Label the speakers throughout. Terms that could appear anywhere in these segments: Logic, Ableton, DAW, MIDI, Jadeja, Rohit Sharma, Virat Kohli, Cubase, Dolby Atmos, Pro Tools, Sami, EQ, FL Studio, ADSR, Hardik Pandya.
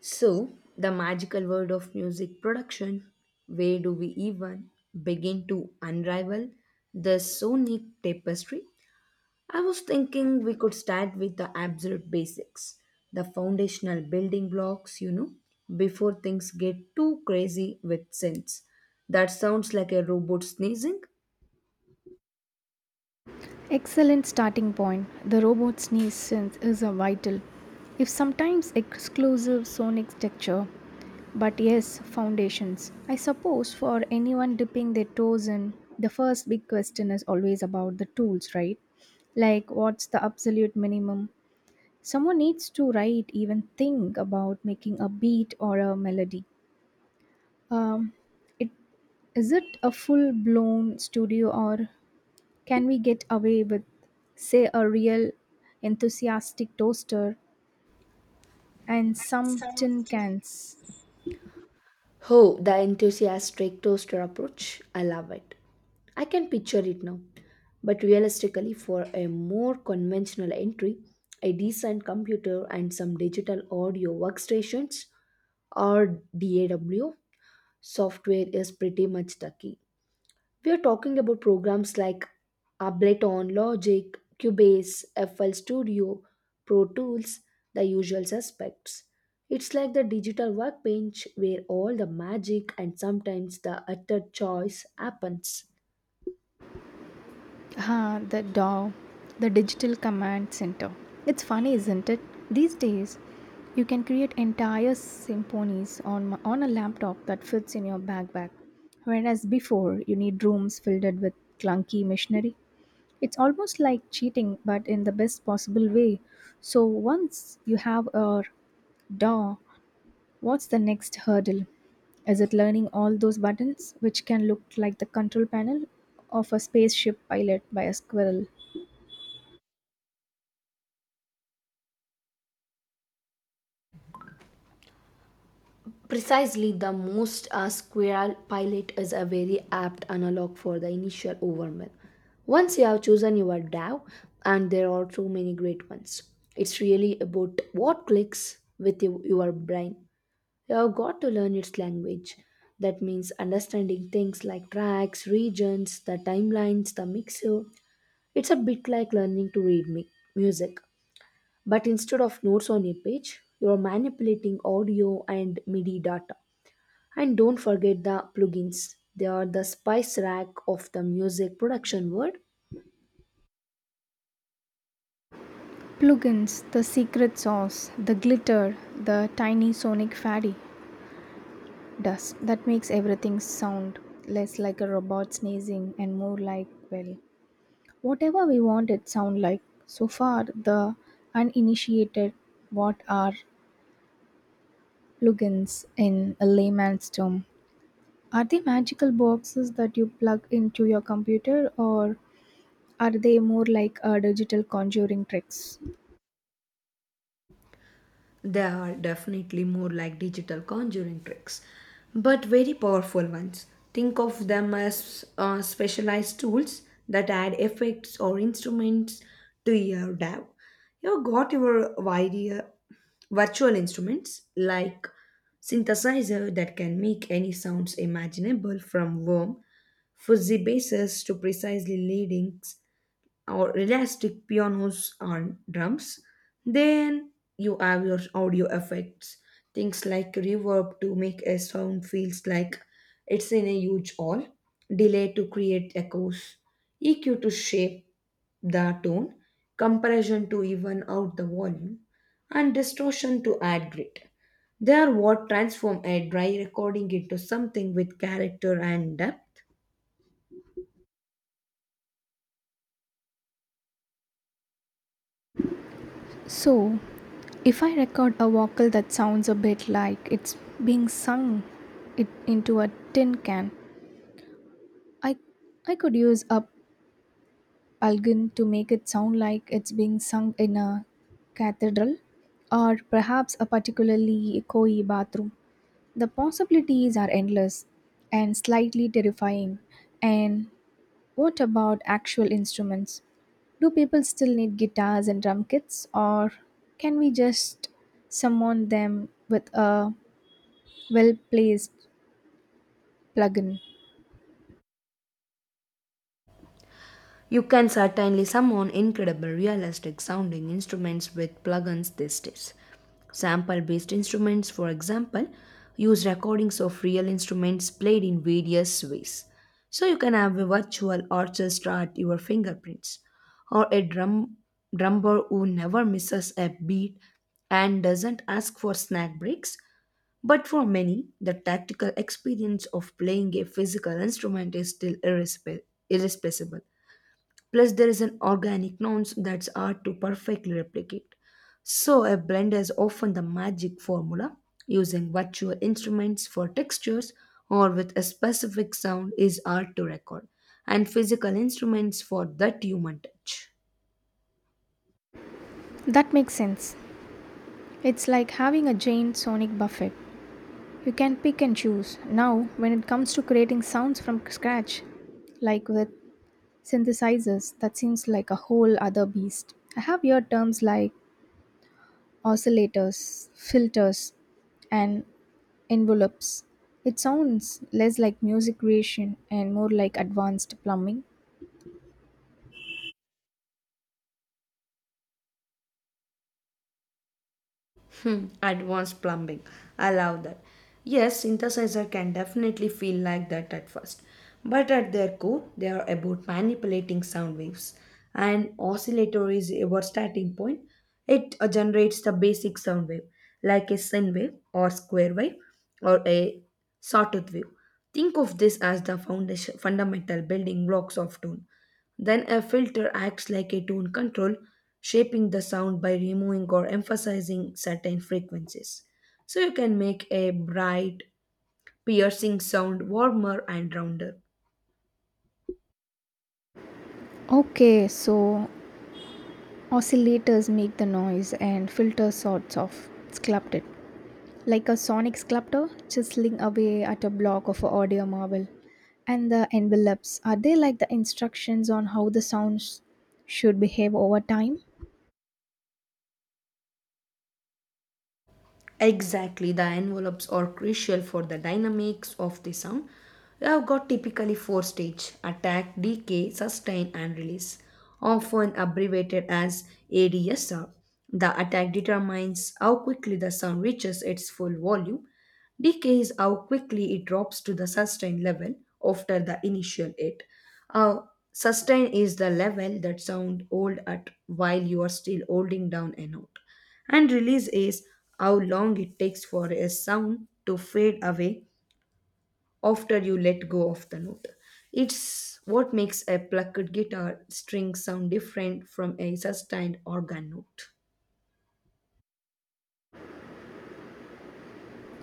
Speaker 1: So, the magical world of music production, where do we even begin to unravel the sonic tapestry? I was thinking we could start with the absolute basics, the foundational building blocks, before things get too crazy with synths. That sounds like a robot sneezing.
Speaker 2: Excellent starting point. The robot's sneeze sense is a vital, if sometimes exclusive sonic texture, but yes, foundations. I suppose for anyone dipping their toes in, the first big question is always about the tools, right? Like, what's the absolute minimum? Someone needs to write, even think about making a beat or a melody. Um, it is it a full blown studio or can we get away with, say, a real enthusiastic toaster and some tin cans?
Speaker 1: Oh, the enthusiastic toaster approach. I love it. I can picture it now. But realistically, for a more conventional entry, a decent computer and some digital audio workstations or DAW software is pretty much the key. We are talking about programs like Ableton, Logic, Cubase, FL Studio, Pro Tools, the usual suspects. It's like the digital workbench where all the magic and sometimes the utter choice happens.
Speaker 2: Ah, the DAW, the Digital Command Center. It's funny, isn't it? These days, you can create entire symphonies on a laptop that fits in your backpack, whereas before, you need rooms filled with clunky machinery. It's almost like cheating, but in the best possible way. So once you have a DAW, what's the next hurdle? Is it learning all those buttons, which can look like the control panel of a spaceship pilot by a squirrel?
Speaker 1: Precisely, the most squirrel pilot is a very apt analog for the initial overwhelm. Once you have chosen your DAO, and there are so many great ones, it's really about what clicks with you, your brain. You have got to learn its language. That means understanding things like tracks, regions, the timelines, the mixer. It's a bit like learning to read music. But instead of notes on a page, you are manipulating audio and MIDI data. And don't forget the plugins. They are the spice rack of the music production world.
Speaker 2: Plugins, the secret sauce, the glitter, the tiny sonic faddy dust that makes everything sound less like a robot sneezing and more like, well, whatever we want it sound like. So far, the uninitiated, what are plugins in a layman's term? Are they magical boxes that you plug into your computer, or are they more like digital conjuring tricks?
Speaker 1: They are definitely more like digital conjuring tricks, but very powerful ones. Think of them as specialized tools that add effects or instruments to your DAW. You've got your virtual instruments like synthesizer that can make any sounds imaginable from warm, fuzzy basses to precisely leading or elastic pianos and drums. Then you have your audio effects, things like reverb to make a sound feels like it's in a huge hall, delay to create echoes, EQ to shape the tone, compression to even out the volume, and distortion to add grit. They are what transform a dry recording into something with character and depth.
Speaker 2: So, if I record a vocal that sounds a bit like it's being sung it into a tin can, I I could use a plugin to make it sound like it's being sung in a cathedral, or perhaps a particularly echoey bathroom. The possibilities are endless and slightly terrifying, and what about actual instruments? Do people still need guitars and drum kits, or can we just summon them with a well placed plugin?
Speaker 1: You can certainly summon incredible realistic sounding instruments with plugins these days. Sample based instruments, for example, use recordings of real instruments played in various ways. So you can have a virtual orchestra at your fingerprints, or a drummer who never misses a beat and doesn't ask for snack breaks. But for many, the tactical experience of playing a physical instrument is still irreplaceable. Plus, there is an organic nuance that's hard to perfectly replicate. So, a blend is often the magic formula, using virtual instruments for textures or with a specific sound is hard to record, and physical instruments for that human touch.
Speaker 2: That makes sense. It's like having a giant sonic buffet. You can pick and choose. Now, when it comes to creating sounds from scratch, like with synthesizers, that seems like a whole other beast. I have heard terms like oscillators, filters, and envelopes. It sounds less like music creation and more like advanced plumbing.
Speaker 1: Hmm, advanced plumbing. I love that. Yes, synthesizer can definitely feel like that at first, but at their core, they are about manipulating sound waves. An oscillator is our starting point. It generates the basic sound wave, like a sine wave or square wave or a sawtooth wave. Think of this as the foundation, fundamental building blocks of tone. Then a filter acts like a tone control, shaping the sound by removing or emphasizing certain frequencies. So you can make a bright, piercing sound warmer and rounder.
Speaker 2: Okay, so oscillators make the noise and filter sorts of it's sculpted, like a sonic sculptor chiseling away at a block of an audio marble. And the envelopes, are they like the instructions on how the sounds should behave over time?
Speaker 1: Exactly, the envelopes are crucial for the dynamics of the sound. You have got typically four stage attack, decay, sustain, and release, often abbreviated as ADSR. The attack determines how quickly the sound reaches its full volume. Decay is how quickly it drops to the sustain level after the initial hit. Uh, Sustain is the level that sound hold at while you are still holding down a note and release is how long it takes for a sound to fade away after you let go of the note. It's what makes a plucked guitar string sound different from a sustained organ note.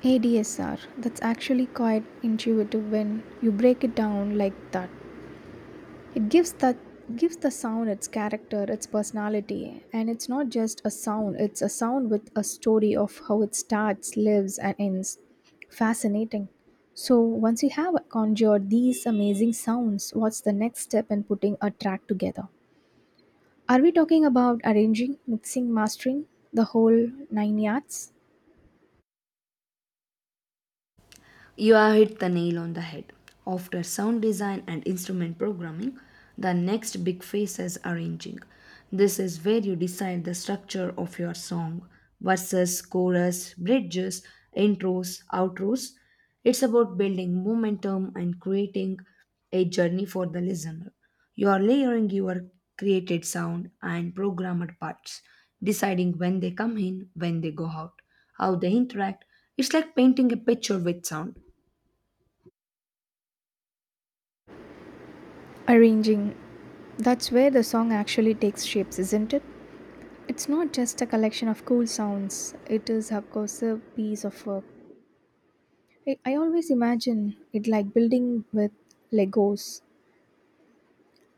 Speaker 2: ADSR, that's actually quite intuitive when you break it down like that. It gives the sound its character, its personality, and it's not just a sound, it's a sound with a story of how it starts, lives and ends. Fascinating. So once you have conjured these amazing sounds, what's the next step in putting a track together? Are we talking about arranging, mixing, mastering, the whole nine yards?
Speaker 1: You have hit the nail on the head. After sound design and instrument programming, the next big phase is arranging. This is where you decide the structure of your song verses, chorus, bridges, intros, outros. It's about building momentum and creating a journey for the listener. You are layering your created sound and programmed parts, deciding when they come in, when they go out, how they interact. It's like painting a picture with sound.
Speaker 2: Arranging. That's where the song actually takes shapes, isn't it? It's not just a collection of cool sounds, it is, of course, a piece of work. I always imagine it like building with Legos.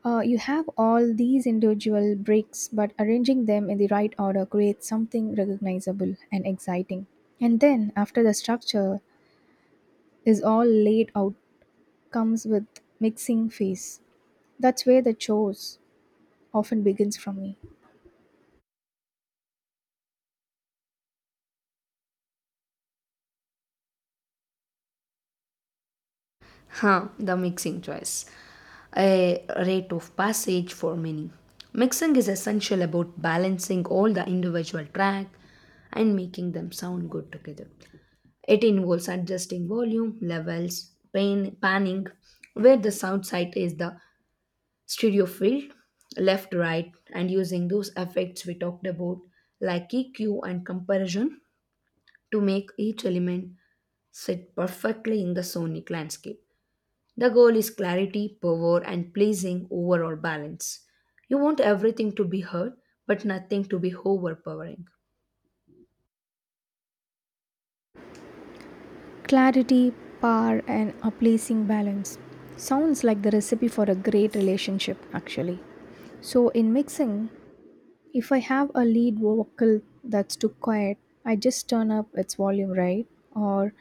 Speaker 2: You have all these individual bricks, but arranging them in the right order creates something recognizable and exciting. And then, after the structure is all laid out, comes with mixing phase. That's where the chores often begins from me.
Speaker 1: Huh, the mixing choice. A rite of passage for many. Mixing is essential about balancing all the individual track and making them sound good together. It involves adjusting volume, levels, pan, panning, where the sound site is the stereo field, left, right, and using those effects we talked about like EQ and comparison to make each element sit perfectly in the sonic landscape. The goal is clarity, power, and pleasing overall balance. You want everything to be heard, but nothing to be overpowering.
Speaker 2: Clarity, power, and a pleasing balance. Sounds like the recipe for a great relationship, actually. So, in mixing, if I have a lead vocal that's too quiet, I just turn up its volume, right? Or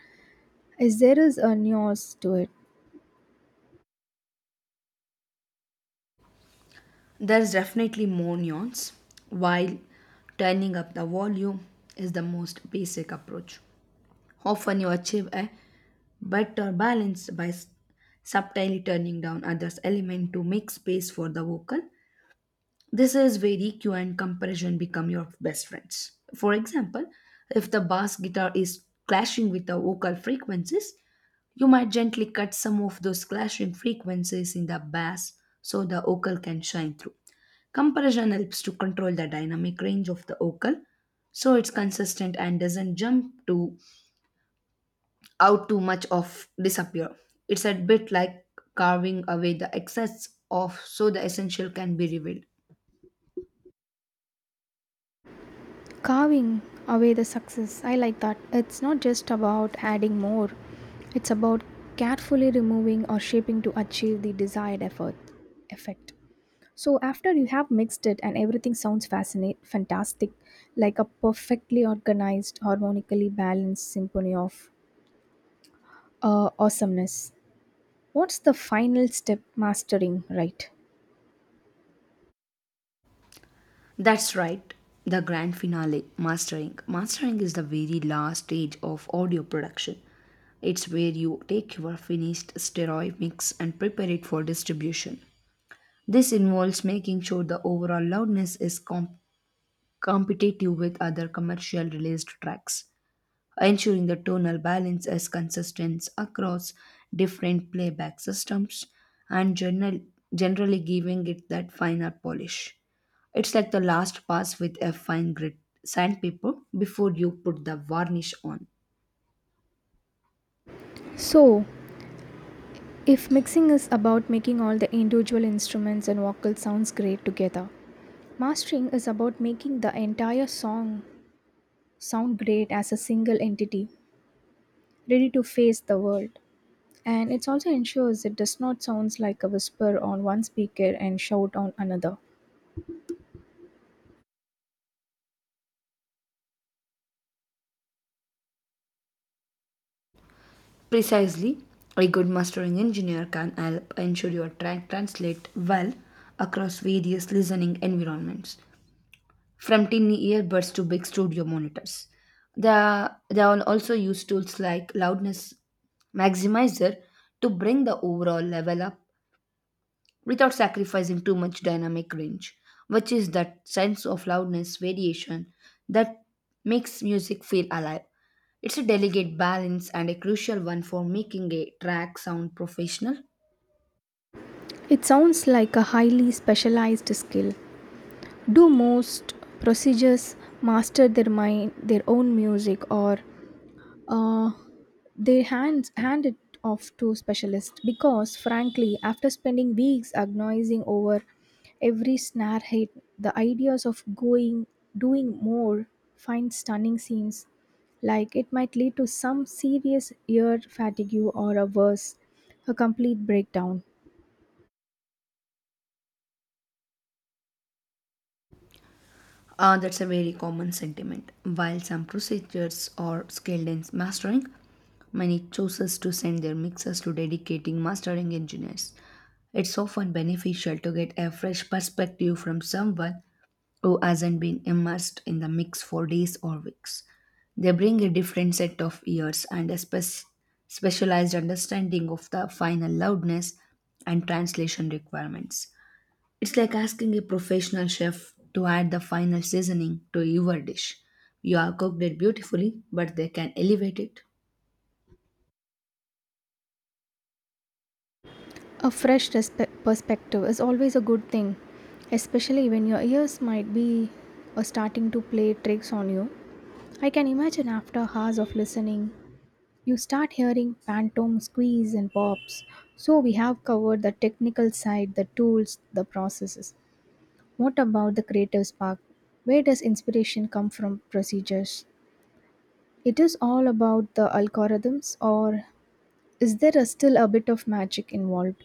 Speaker 2: is there is a nuance to it?
Speaker 1: There's definitely more nuance, while turning up the volume is the most basic approach. Often you achieve a better balance by subtly turning down others' element to make space for the vocal. This is where EQ and comparison become your best friends. For example, if the bass guitar is clashing with the vocal frequencies, you might gently cut some of those clashing frequencies in the bass so the vocal can shine through. Comparison helps to control the dynamic range of the vocal so it's consistent and doesn't jump to out too much of disappear. It's a bit like carving away the excess of so the essential can be revealed.
Speaker 2: Carving away the success. I like that. It's not just about adding more, it's about carefully removing or shaping to achieve the desired effort effect. So after you have mixed it and everything sounds fantastic, like a perfectly organized, harmonically balanced symphony of awesomeness. What's the final step mastering, right?
Speaker 1: That's right, the grand finale, mastering. Mastering is the very last stage of audio production. It's where you take your finished stereo mix and prepare it for distribution. This involves making sure the overall loudness is competitive with other commercial released tracks ensuring the tonal balance is consistent across different playback systems and generally giving it that finer polish. It's like the last pass with a fine grit sandpaper before you put the varnish on.
Speaker 2: So, if mixing is about making all the individual instruments and vocal sounds great together, mastering is about making the entire song sound great as a single entity, ready to face the world. And it also ensures it does not sound like a whisper on one speaker and shout on another.
Speaker 1: Precisely, a good mastering engineer can help ensure your track translate well across various listening environments, from tiny earbuds to big studio monitors. They all also use tools like loudness maximizer to bring the overall level up without sacrificing too much dynamic range, which is that sense of loudness variation that makes music feel alive. It's a delicate balance and a crucial one for making a track sound professional.
Speaker 2: It sounds like a highly specialized skill. Do most procedures master their mind, their own music, or uh, they hand it off to specialists because, frankly, after spending weeks agonizing over every snare hit, the ideas of going doing more find stunning scenes like it might lead to some serious ear fatigue or a worse, a complete breakdown.
Speaker 1: That's a very common sentiment. While some procedures are skilled in mastering, many chooses to send their mixers to dedicating mastering engineers. It's often beneficial to get a fresh perspective from someone who hasn't been immersed in the mix for days or weeks. They bring a different set of ears and a specialized understanding of the final loudness and translation requirements. It's like asking a professional chef to add the final seasoning to your dish. You have cooked it beautifully, but they can elevate it.
Speaker 2: A fresh perspective is always a good thing, especially when your ears might be starting to play tricks on you. I can imagine after hours of listening, you start hearing phantom squeeze and pops. So we have covered the technical side, the tools, the processes. What about the creative spark? Where does inspiration come from procedures? It is all about the algorithms or is there a still a bit of magic involved?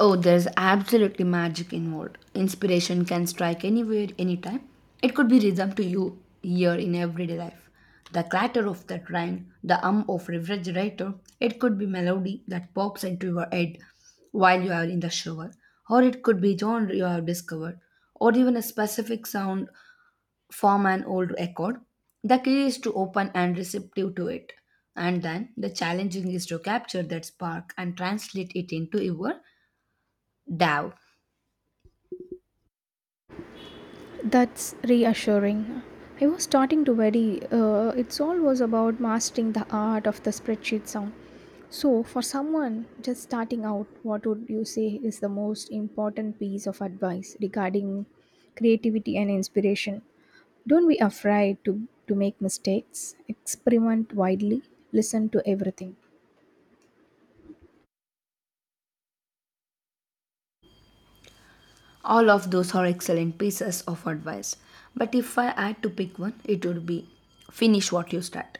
Speaker 1: Oh, there's absolutely magic involved. Inspiration can strike anywhere, anytime. It could be rhythm to you here in everyday life. The clatter of the train, the hum of refrigerator, it could be melody that pops into your head while you are in the shower, or it could be genre you have discovered, or even a specific sound form an old record. The key is to open and receptive to it. And then the challenging is to capture that spark and translate it into your DAO.
Speaker 2: That's reassuring. I was starting to worry. It's all was about mastering the art of the spreadsheet sound. So, for someone just starting out, what would you say is the most important piece of advice regarding creativity and inspiration? Don't be afraid to make mistakes, experiment widely, listen to everything.
Speaker 1: All of those are excellent pieces of advice. But if I had to pick one, it would be finish what you start.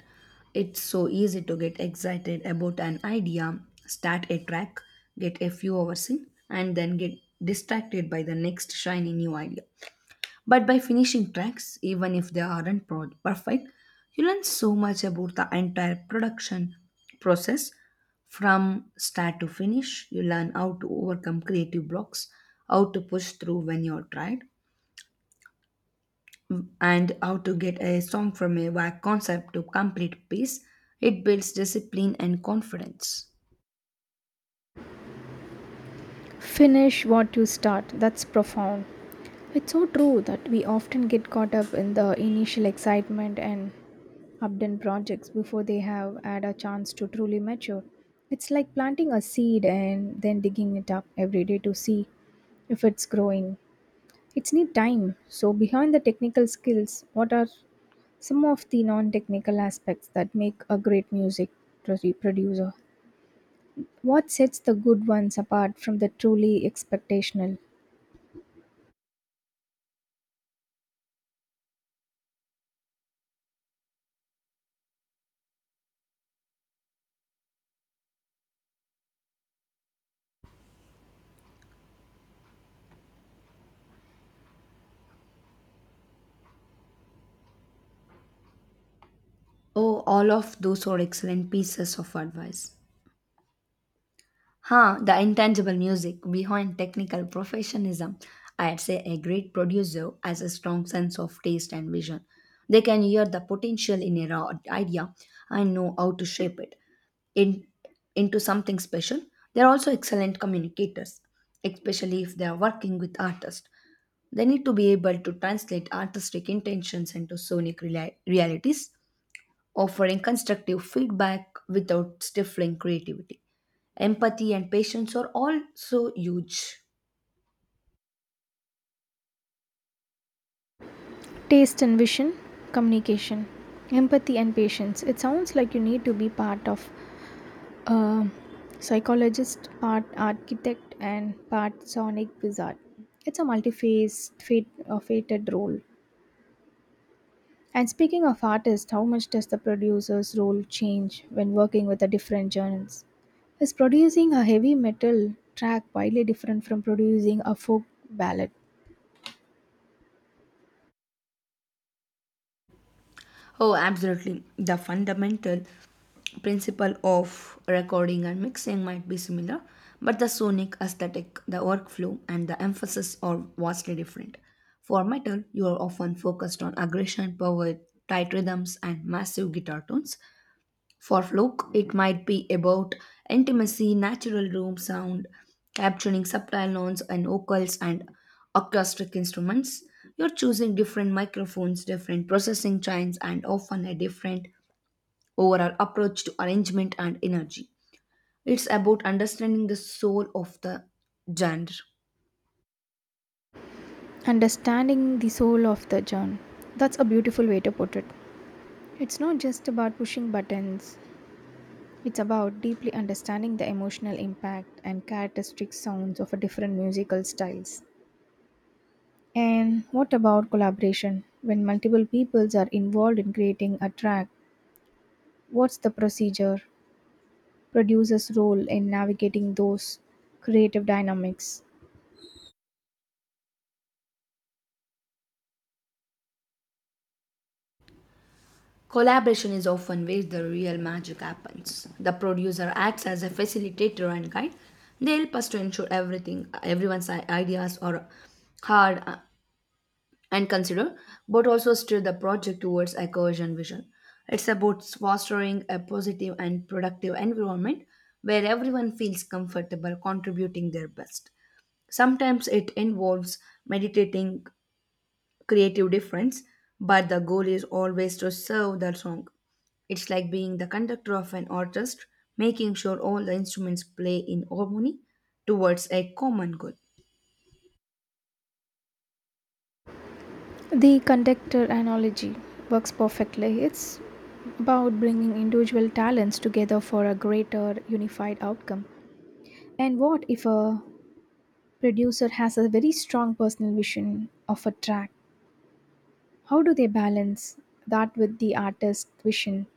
Speaker 1: It's so easy to get excited about an idea, start a track, get a few hours in, and then get distracted by the next shiny new idea. But by finishing tracks, even if they aren't perfect, you learn so much about the entire production process from start to finish. You learn how to overcome creative blocks, how to push through when you're tired, and how to get a song from a vague concept to complete piece. It builds discipline and confidence.
Speaker 2: Finish what you start. That's profound. It's so true that we often get caught up in the initial excitement and updone projects before they have had a chance to truly mature. It's like planting a seed and then digging it up every day to see if it's growing. It's need time. So behind the technical skills, what are some of the non-technical aspects that make a great music producer? What sets the good ones apart from the truly expectational?
Speaker 1: Oh, all of those are excellent pieces of advice. Huh, the intangible music behind technical professionalism. I'd say a great producer has a strong sense of taste and vision. They can hear the potential in a raw idea and know how to shape in, into something special. They're also excellent communicators, especially if they are working with artists. They need to be able to translate artistic intentions into sonic realities, offering constructive feedback without stifling creativity. Empathy and patience are also huge.
Speaker 2: Taste and vision, communication, empathy and patience. It sounds like you need to be part of a psychologist, part architect, and part sonic wizard. It's a fated role. And speaking of artists, how much does the producer's role change when working with the different genres? Is producing a heavy metal track widely different from producing a folk ballad?
Speaker 1: Oh, absolutely. The fundamental principle of recording and mixing might be similar, but the sonic aesthetic, the workflow, and the emphasis are vastly different. For metal, you are often focused on aggression, power, tight rhythms, and massive guitar tones. For Fluke, it might be about intimacy, natural room sound, capturing subtle notes and vocals and acoustic instruments. You're choosing different microphones, different processing chains, and often a different overall approach to arrangement and energy. It's about understanding the soul of the genre.
Speaker 2: Understanding the soul of the genre. That's a beautiful way to put it. It's not just about pushing buttons, it's about deeply understanding the emotional impact and characteristic sounds of a different musical styles. And what about collaboration? When multiple peoples are involved in creating a track, what's the procedure? Producer's role in navigating those creative dynamics.
Speaker 1: Collaboration is often where the real magic happens. The producer acts as a facilitator and guide. They help us to ensure everyone's ideas are heard, and considered, but also steer the project towards a cohesion vision. It's about fostering a positive and productive environment where everyone feels comfortable contributing their best. Sometimes it involves meditating creative difference, but the goal is always to serve the song. It's like being the conductor of an orchestra, making sure all the instruments play in harmony towards a common goal.
Speaker 2: The conductor analogy works perfectly. It's about bringing individual talents together for a greater unified outcome. And what if a producer has a very strong personal vision of a track, how do they balance that with the artist's vision?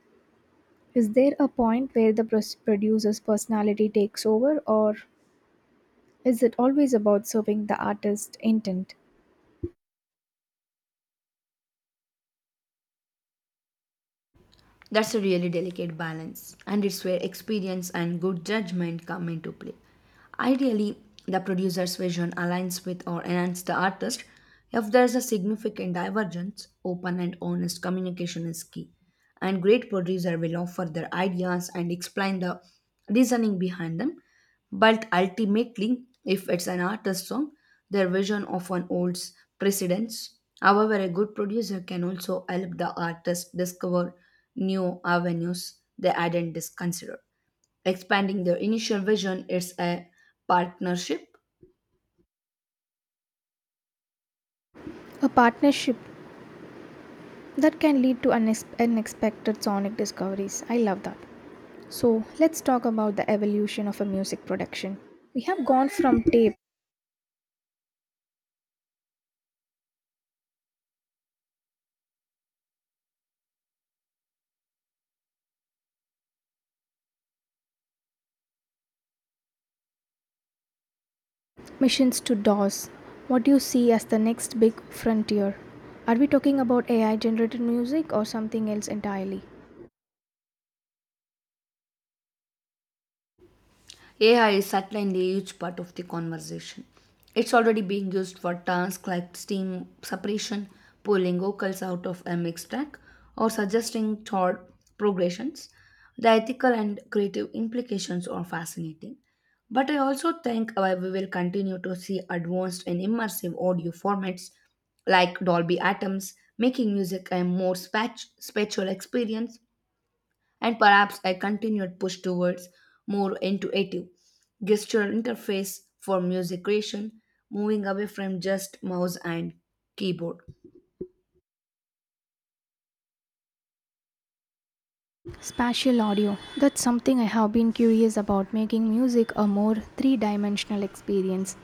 Speaker 2: Is there a point where the producer's personality takes over, or is it always about serving the artist's intent?
Speaker 1: That's a really delicate balance, and it's where experience and good judgment come into play. Ideally, the producer's vision aligns with or enhances the artist. If there's a significant divergence, open and honest communication is key. And great producers will offer their ideas and explain the reasoning behind them. But ultimately, if it's an artist's song, their vision often holds precedence. However, a good producer can also help the artist discover new avenues they hadn't considered. Expanding their initial vision is a partnership.
Speaker 2: A partnership that can lead to unexpected sonic discoveries. I love that. So let's talk about the evolution of a music production. We have gone from tape Missions to DOS. What do you see as the next big frontier? Are we talking about AI generated music or something else entirely?
Speaker 1: AI is certainly a huge part of the conversation. It's already being used for tasks like steam separation, pulling vocals out of a mix track, or suggesting chord progressions. The ethical and creative implications are fascinating. But I also think we will continue to see advanced and immersive audio formats like Dolby Atoms, making music a more spatial experience and perhaps a continued push towards more intuitive gestural interface for music creation, moving away from just mouse and keyboard.
Speaker 2: Spatial audio. That's something I have been curious about making music a more three dimensional experience.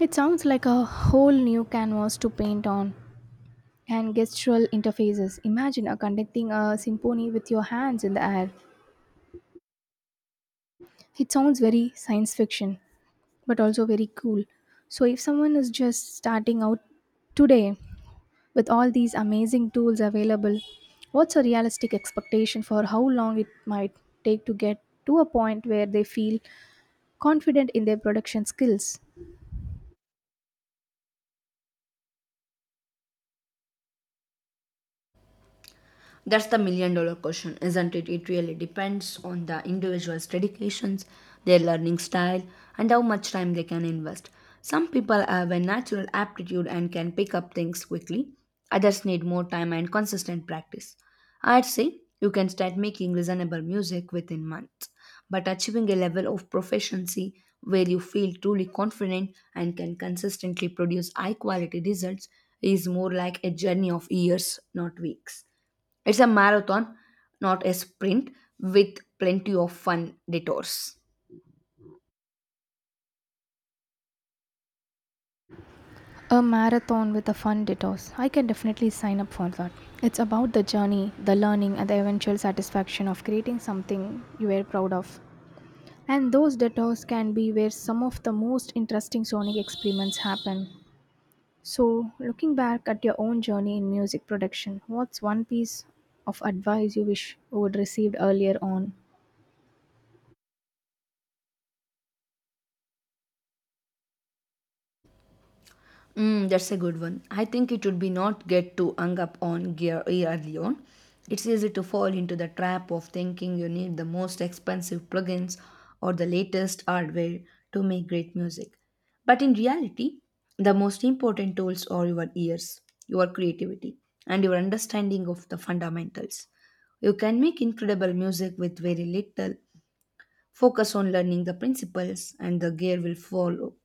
Speaker 2: It sounds like a whole new canvas to paint on. And gestural interfaces. Imagine conducting a symphony with your hands in the air. It sounds very science fiction, but also very cool. So, if someone is just starting out today, with all these amazing tools available, what's a realistic expectation for how long it might take to get to a point where they feel confident in their production skills?
Speaker 1: That's the million dollar question, isn't it? It really depends on the individual's dedications, their learning style, and how much time they can invest. Some people have a natural aptitude and can pick up things quickly, others need more time and consistent practice. I'd say you can start making listenable music within months, but achieving a level of proficiency where you feel truly confident and can consistently produce high quality results is more like a journey of years, not weeks. It's a marathon, not a sprint, with plenty of fun detours.
Speaker 2: A marathon with a fun detox. I can definitely sign up for that. It's about the journey, the learning, and the eventual satisfaction of creating something you are proud of. And those detours can be where some of the most interesting sonic experiments happen. So, looking back at your own journey in music production, what's one piece of advice you wish you would received earlier on?
Speaker 1: Mm, that's a good one. I think it would be not get too hung up on gear early on. It's easy to fall into the trap of thinking you need the most expensive plugins or the latest hardware to make great music. But in reality, the most important tools are your ears, your creativity, and your understanding of the fundamentals. You can make incredible music with very little. Focus on learning the principles, and the gear will follow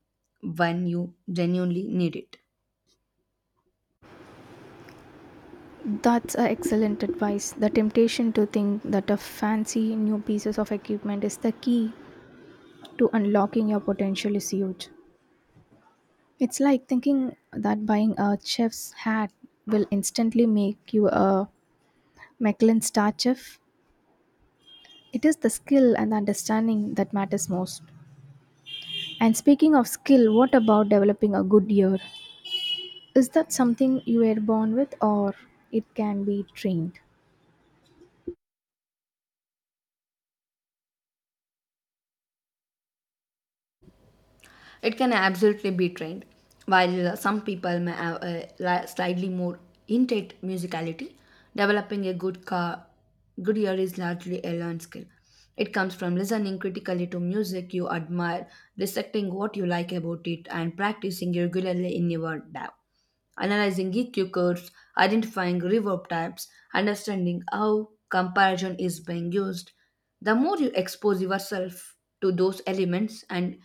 Speaker 1: when you genuinely need it.
Speaker 2: That's a excellent advice. The temptation to think that a fancy new pieces of equipment is the key to unlocking your potential is huge. It's like thinking that buying a chef's hat will instantly make you a Michelin star chef. It is the skill and understanding that matters most. And speaking of skill, what about developing a good ear? Is that something you were born with or it can be trained?
Speaker 1: It can absolutely be trained. While, some people may have a slightly more innate musicality, developing a good ear is largely a learned skill. It comes from listening critically to music you admire, dissecting what you like about it, and practicing regularly in your DAW, analyzing EQ curves, identifying reverb types, understanding how comparison is being used. The more you expose yourself to those elements and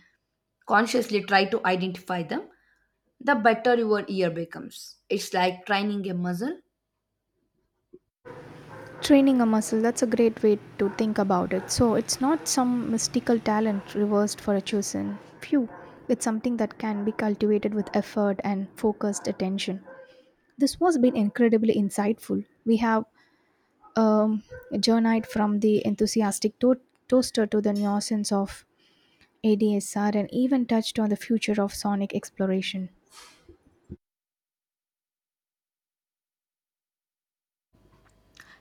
Speaker 1: consciously try to identify them, the better your ear becomes. It's like training a muscle.
Speaker 2: Training a muscle, that's a great way to think about it. So it's not some mystical talent reversed for a chosen few. It's something that can be cultivated with effort and focused attention. This was been incredibly insightful. We have um, journeyed from the enthusiastic toaster to the nuisance of ADSR and even touched on the future of sonic exploration.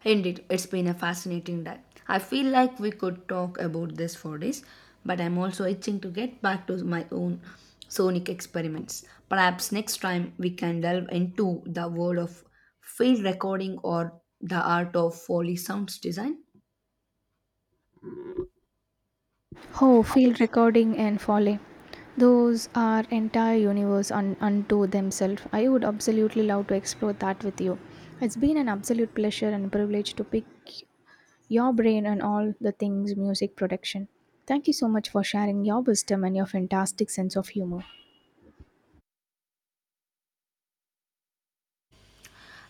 Speaker 1: Indeed, it's been a fascinating dive. I feel like we could talk about this for days, but I'm also itching to get back to my own sonic experiments. Perhaps next time we can delve into the world of field recording or the art of Foley sounds design.
Speaker 2: Oh, field recording and foley. Those are entire universe unto themselves. I would absolutely love to explore that with you. It's been an absolute pleasure and privilege to pick your brain on all the things music production. Thank you so much for sharing your wisdom and your fantastic sense of humor.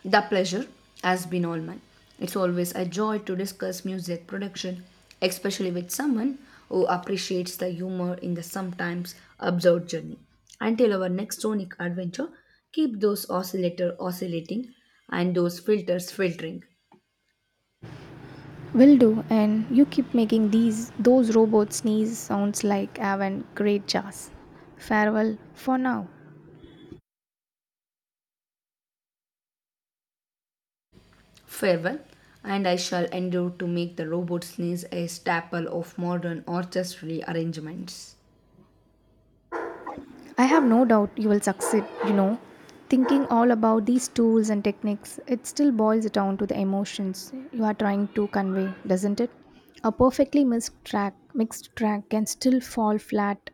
Speaker 1: The pleasure has been all mine. It's always a joy to discuss music production, especially with someone who appreciates the humor in the sometimes absurd journey. Until our next sonic adventure, keep those oscillator oscillating and those filters filtering.
Speaker 2: Will do, and you keep making these those robot sneeze sounds like Avon. Great jazz. Farewell for now.
Speaker 1: Farewell, and I shall endeavor to make the robot sneeze a staple of modern orchestral arrangements.
Speaker 2: I have no doubt you will succeed, Thinking all about these tools and techniques, it still boils down to the emotions you are trying to convey, doesn't it? A perfectly mixed track can still fall flat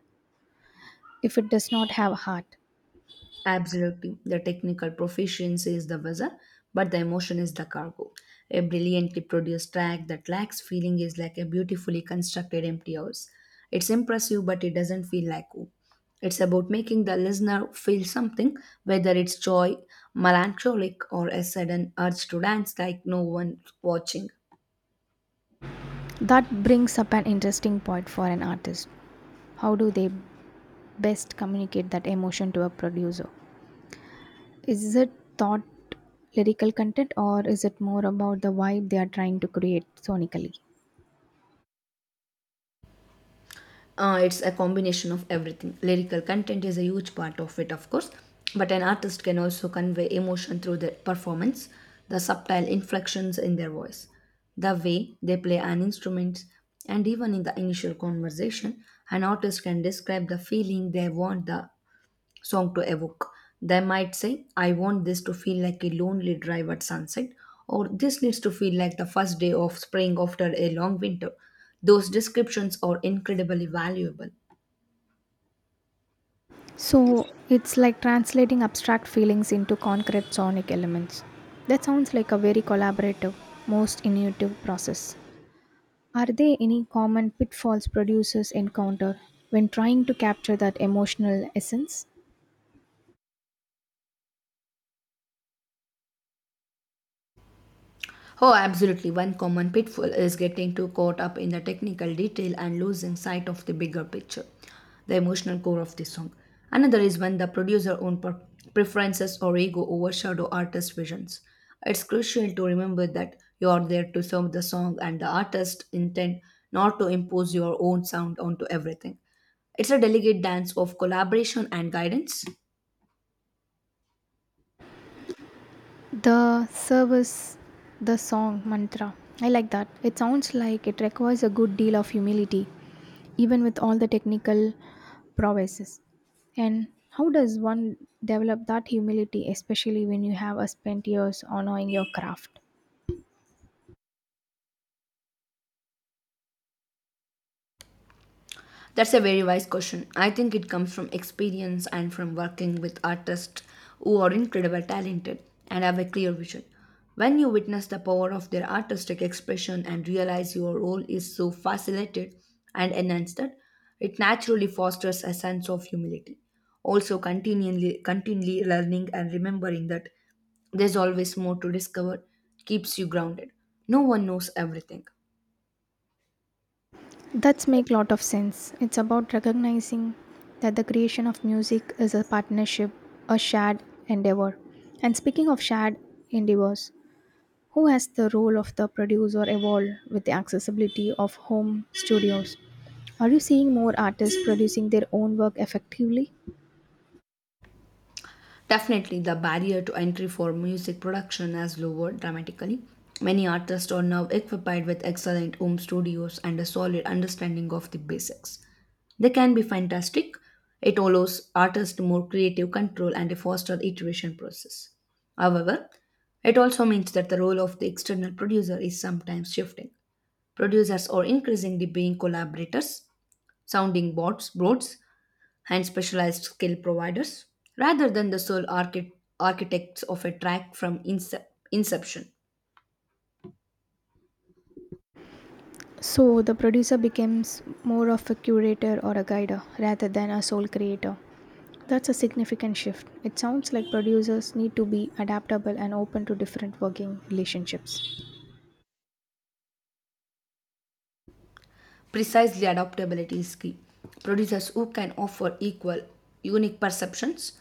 Speaker 2: if it does not have heart.
Speaker 1: Absolutely. The technical proficiency is the vessel, but the emotion is the cargo. A brilliantly produced track that lacks feeling is like a beautifully constructed empty house. It's impressive, but it doesn't feel like home. It's about making the listener feel something, whether it's joy, melancholic, or a sudden urge to dance like no one watching.
Speaker 2: That brings up an interesting point for an artist. How do they best communicate that emotion to a producer? Is it thought lyrical content or is it more about the vibe they are trying to create sonically?
Speaker 1: It's a combination of everything. Lyrical content is a huge part of it, of course, but an artist can also convey emotion through their performance, the subtle inflections in their voice, the way they play an instrument, and even in the initial conversation, an artist can describe the feeling they want the song to evoke. They might say, I want this to feel like a lonely drive at sunset, or this needs to feel like the first day of spring after a long winter. Those descriptions are incredibly valuable.
Speaker 2: So it's like translating abstract feelings into concrete sonic elements. That sounds like a very collaborative, most innovative process. Are there any common pitfalls producers encounter when trying to capture that emotional essence?
Speaker 1: Oh, absolutely. One common pitfall is getting too caught up in the technical detail and losing sight of the bigger picture, the emotional core of the song. Another is when the producer own preferences or ego overshadow artist visions. It's crucial to remember that you are there to serve the song and the artist intent, not to impose your own sound onto everything. It's a delicate dance of collaboration and guidance.
Speaker 2: The service, the song mantra. I like that. It sounds like it requires a good deal of humility, even with all the technical prowesses. And how does one develop that humility, especially when you have spent years honoring your craft?
Speaker 1: That's a very wise question. I think it comes from experience and from working with artists who are incredibly talented and have a clear vision. When you witness the power of their artistic expression and realize your role is so facilitated and enhanced, that it naturally fosters a sense of humility. Also, continually learning and remembering that there's always more to discover keeps you grounded. No one knows everything.
Speaker 2: That's make lot of sense. It's about recognizing that the creation of music is a partnership, a shared endeavor. And speaking of shared endeavors, who has the role of the producer evolved with the accessibility of home studios? Are you seeing more artists producing their own work effectively?
Speaker 1: Definitely, the barrier to entry for music production has lowered dramatically. Many artists are now equipped with excellent home studios and a solid understanding of the basics. They can be fantastic. It allows artists more creative control and a faster iteration process. However, it also means that the role of the external producer is sometimes shifting. Producers are increasingly being collaborators, boards, and specialized skill providers rather than the sole architects of a track from inception.
Speaker 2: So the producer becomes more of a curator or a guider rather than a sole creator. That's a significant shift. It sounds like producers need to be adaptable and open to different working relationships.
Speaker 1: Precisely, adaptability is key. Producers who can offer equal, unique perceptions,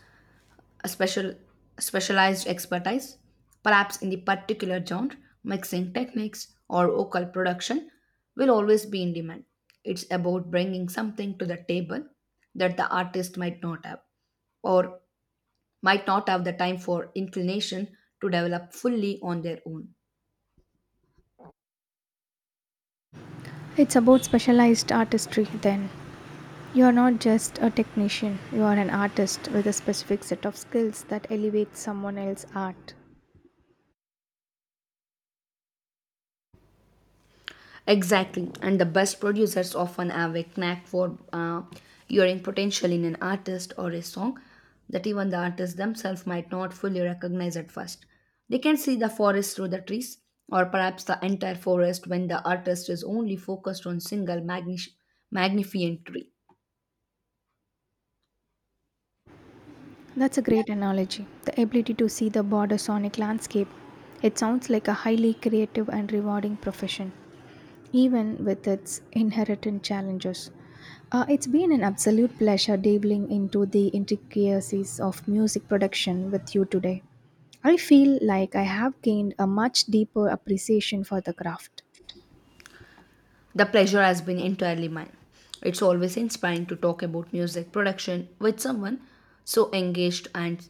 Speaker 1: a special, specialized expertise, perhaps in the particular genre, mixing techniques, or vocal production, will always be in demand. It's about bringing something to the table that the artist might not have or might not have the time for inclination to develop fully on their own.
Speaker 2: It's about specialized artistry, then. You are not just a technician, you are an artist with a specific set of skills that elevates someone else's art.
Speaker 1: Exactly, and the best producers often have a knack for, hearing potential in an artist or a song that even the artists themselves might not fully recognize at first. They can see the forest through the trees, or perhaps the entire forest when the artist is only focused on magnificent tree.
Speaker 2: That's a great analogy. The ability to see the broader sonic landscape. It sounds like a highly creative and rewarding profession, even with its inherent challenges. It's been an absolute pleasure delving into the intricacies of music production with you today. I feel like I have gained a much deeper appreciation for the craft.
Speaker 1: The pleasure has been entirely mine. It's always inspiring to talk about music production with someone so engaged and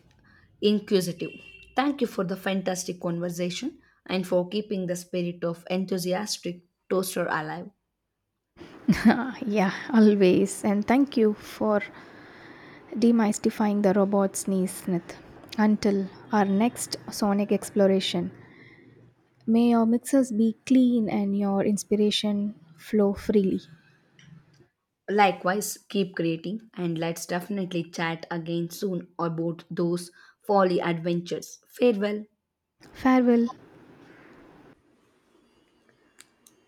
Speaker 1: inquisitive. Thank you for the fantastic conversation and for keeping the spirit of enthusiastic toaster alive.
Speaker 2: Yeah, always. And thank you for demystifying the robot's knees myth. Until our next sonic exploration, may your mixers be clean and your inspiration flow freely.
Speaker 1: Likewise, keep creating and let's definitely chat again soon about those folly adventures. Farewell.
Speaker 2: Farewell.